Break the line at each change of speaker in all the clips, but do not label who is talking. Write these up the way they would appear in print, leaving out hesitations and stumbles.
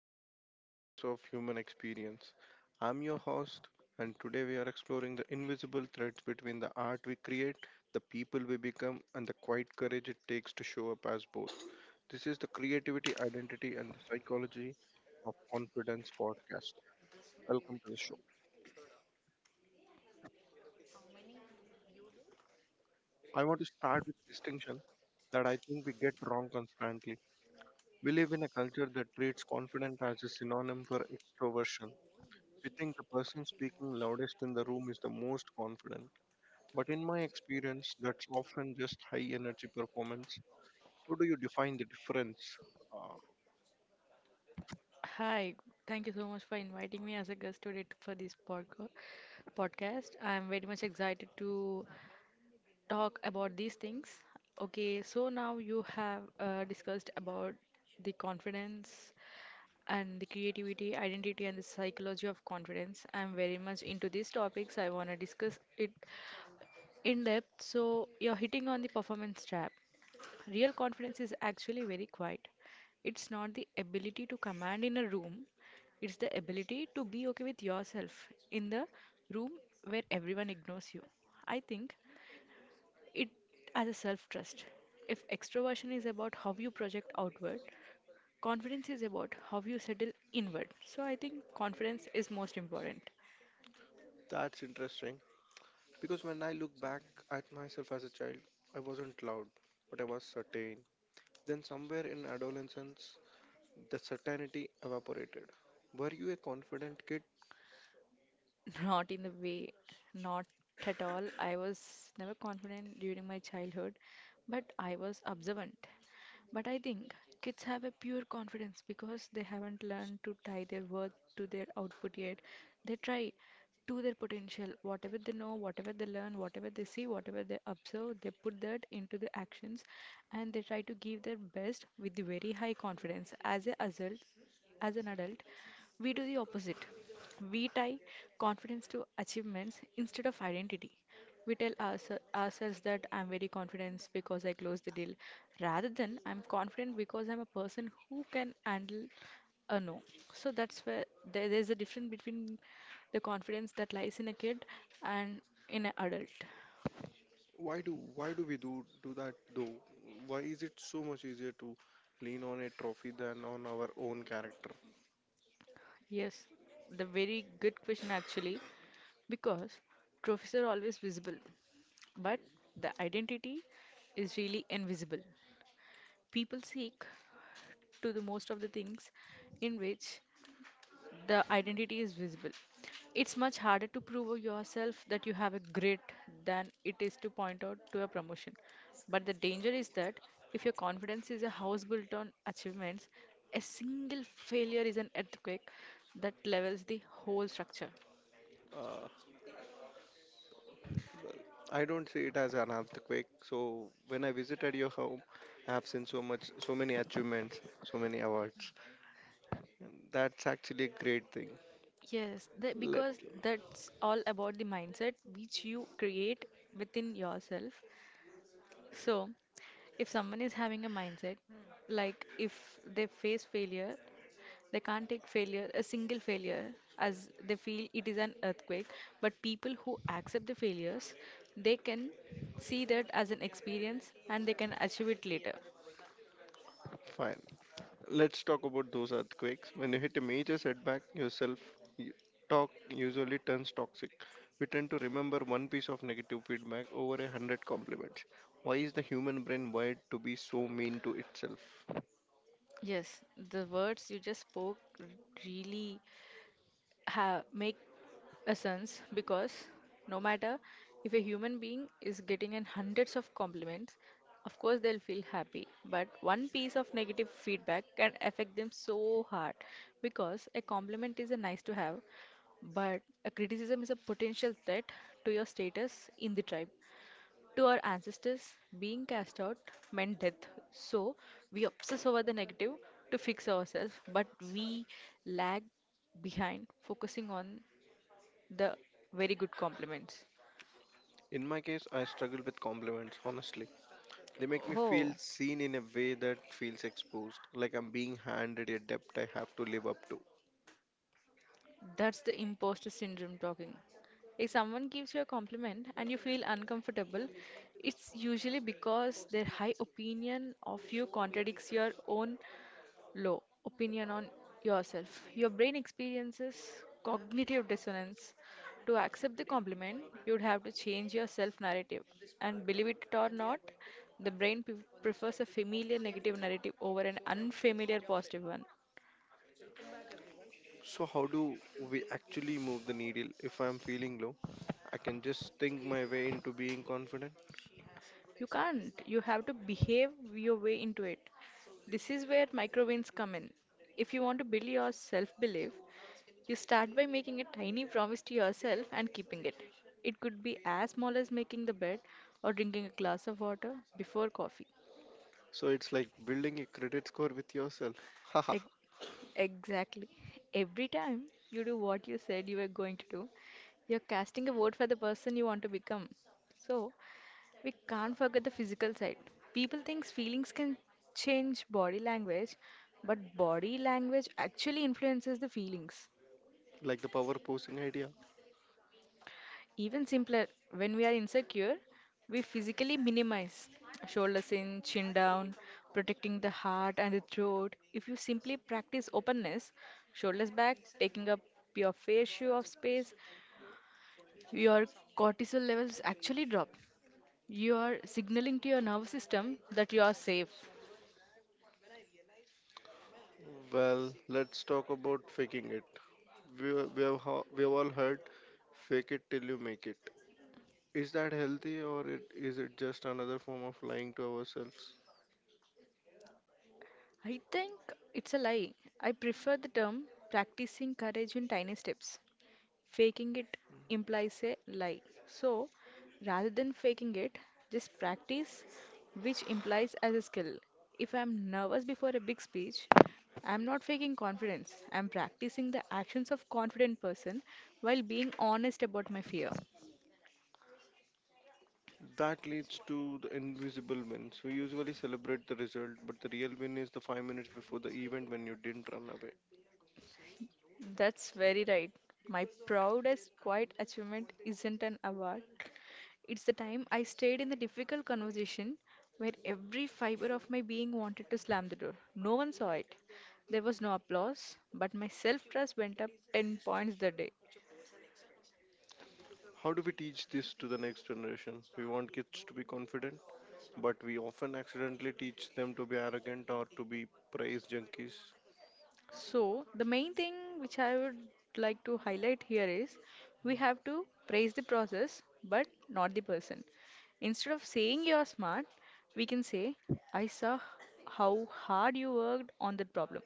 peel back the layers of human experience. I'm your host, and today we are exploring the invisible threads between the art we create, the people we become, and the quiet courage it takes to show up as both. This is the Creativity, Identity, and the Psychology of Confidence podcast. Welcome to the show. I want to start with a distinction that I think we get wrong constantly. We live in a culture that treats confidence as a synonym for extroversion. We think the person speaking loudest in the room is the most confident. But in my experience, that's often just high energy performance. How do you define the difference? Uh,
Hi, thank you so much for inviting me as a guest today for this podcast. I'm very much excited to talk about these things. Okay, so now you have discussed about the confidence and the creativity, identity, and the psychology of confidence. I'm very much into these topics. I want to discuss it in depth. So you're hitting on the performance trap. Real confidence is actually very quiet. It's not the ability to command in a room, it's the ability to be okay with yourself in the room where everyone ignores you. I think it as a self trust. If extroversion is about how you project outward, confidence is about how you settle inward. So I think confidence is most important.
That's interesting because when I look back at myself as a child, I wasn't loud, but I was certain. Then, somewhere in adolescence, the certainty evaporated. Were you a confident kid?
Not in the way, not at all. I was never confident during my childhood, but I was observant. But I think kids have a pure confidence because they haven't learned to tie their worth to their output yet. They try to their potential. Whatever they know, whatever they learn, whatever they see, whatever they observe, they put that into the actions and they try to give their best with the very high confidence. As an adult, we do the opposite. We tie confidence to achievements instead of identity. We tell ourselves that I'm very confident because I closed the deal, rather than I'm confident because I'm a person who can handle a no. So that's where there's a difference between the confidence that lies in a kid and in an adult.
Why do we do that though? Why is it so much easier to lean on a trophy than on our own character?
Yes, the very good question actually, because trophies are always visible, but the identity is really invisible. People seek to the most of the things in which the identity is visible. It's much harder to prove yourself that you have a grit than it is to point out to a promotion. But the danger is that if your confidence is a house built on achievements, a single failure is an earthquake that levels the whole structure.
Uh, I don't see it as an earthquake. So when I visited your home, I have seen so much, so many achievements, so many awards. And that's actually a great thing.
Yes, the,
Let
because that's all about the mindset which you create within yourself. So, if someone is having a mindset, like if they face failure, they can't take failure, a single failure, as they feel it is an earthquake. But people who accept the failures, they can see that as an experience and they can achieve it later.
fine. Let's talk about those earthquakes. When you hit a major setback, yourself y- talk usually turns toxic. We tend to remember one piece of negative feedback over a hundred compliments. Why is the human brain wired to be so mean to itself?
Yes, the words you just spoke really make essence, because no matter if a human being is getting an hundreds of compliments, of course they'll feel happy, but one piece of negative feedback can affect them so hard, because a compliment is a nice to have, but a criticism is a potential threat to your status in the tribe. To our ancestors, being cast out meant death, so we obsess over the negative to fix ourselves, but we lag behind focusing on the very good compliments.
In my case, I struggle with compliments, honestly. They make me feel
Oh,
seen in a way that feels exposed, like I'm being handed a debt I have to live up to.
that's the imposter syndrome talking. If someone gives you a compliment and you feel uncomfortable, it's usually because their high opinion of you contradicts your own low opinion on yourself. Your brain experiences cognitive dissonance. To accept the compliment, you'd have to change your self narrative. And believe it or not, the brain prefers a familiar negative narrative over an unfamiliar positive one.
So, how do we actually move the needle? If I'm feeling low, I can just think my way into being confident.
You can't. You have to behave your way into it. This is where microwins come in. If you want to build your self belief, you start by making a tiny promise to yourself and keeping it. It could be as small as making the bed or drinking a glass of water before coffee.
So, it's like building a credit score with yourself. Haha,
Ex- Exactly. Every time you do what you said you were going to do, you're casting a vote for the person you want to become. So, we can't forget the physical side. People think feelings can change body language, but body language actually influences the feelings.
like the power posing idea.
Even simpler, when we are insecure, we physically minimize shoulders in, chin down, protecting the heart and the throat. If you simply practice openness, shoulders back, taking up your fair share of space, your cortisol levels actually drop. You are signaling to your nervous system that you are safe.
Well, let's talk about faking it. We have all heard fake it till you make it. Is that healthy or is it just another form of lying to ourselves?
I think it's a lie. I prefer the term practicing courage in tiny steps. Faking it implies a lie. So, rather than faking it, just practice, which implies as a skill. If I'm nervous before a big speech, I'm not faking confidence. I'm practicing the actions of confident person while being honest about my fear.
That leads to the invisible wins. We usually celebrate the result, but the real win is the 5 minutes before the event when you didn't run away.
That's very right. My proudest quiet achievement isn't an award. It's the time I stayed in the difficult conversation where every fiber of my being wanted to slam the door. No one saw it. There was no applause, but my self trust went up 10 points that day.
How do we teach this to the next generation? We want kids to be confident, but we often accidentally teach them to be arrogant or to be praise junkies.
So, the main thing which I would like to highlight here is we have to praise the process but not the person. Instead of saying you're smart, we can say, I saw how hard you worked on that problem.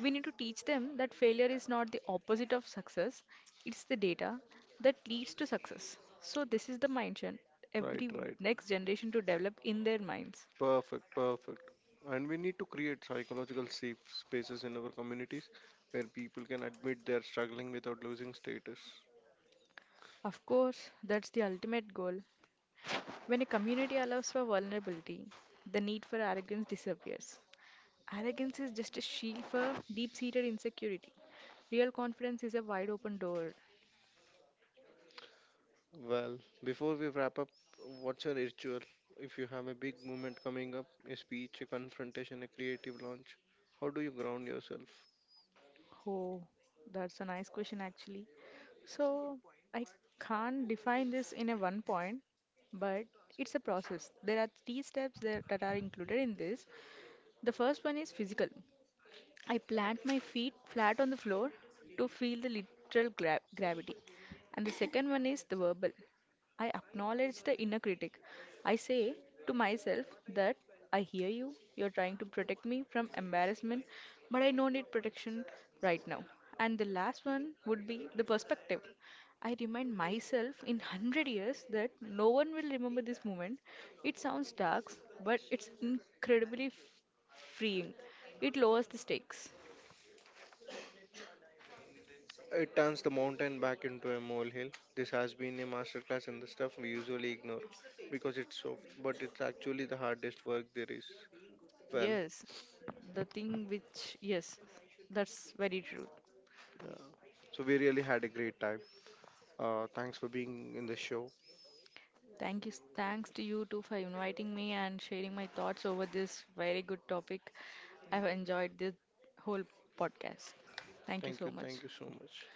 We need to teach them that failure is not the opposite of success, it's the data that leads to success. So, this is the mindset
Right,
every
right.
next generation to develop in their minds.
Perfect, perfect. And we need to create psychological safe spaces in our communities where people can admit they're struggling without losing status.
Of course, that's the ultimate goal. When a community allows for vulnerability, the need for arrogance disappears. Arrogance is just a shield for deep seated insecurity. Real confidence is a wide open door.
Well, before we wrap up, what's your ritual? If you have a big movement coming up, a speech, a confrontation, a creative launch, how do you ground yourself?
Oh, that's a nice question, actually. So, I can't define this in a one point, but it's a process. There are three steps that are included in this. The first one is physical. I plant my feet flat on the floor to feel the literal gravity. And the second one is the verbal. I acknowledge the inner critic. I say to myself that I hear you, you're trying to protect me from embarrassment, but I don't need protection right now. And the last one would be the perspective. I remind myself in 100 years that no one will remember this moment. It sounds dark, but it's incredibly freeing. It lowers the stakes.
It turns the mountain back into a molehill. This has been a masterclass in the stuff we usually ignore because it's soft, but it's actually the hardest work there is. Well,
Yes, the thing which, yes, that's very true.
yeah. So we really had a great time. Thanks for being in the show.
Thank you. Thanks to you too for inviting me and sharing my thoughts over this very good topic. I've enjoyed this whole podcast. Thank you so much.
Thank you so much.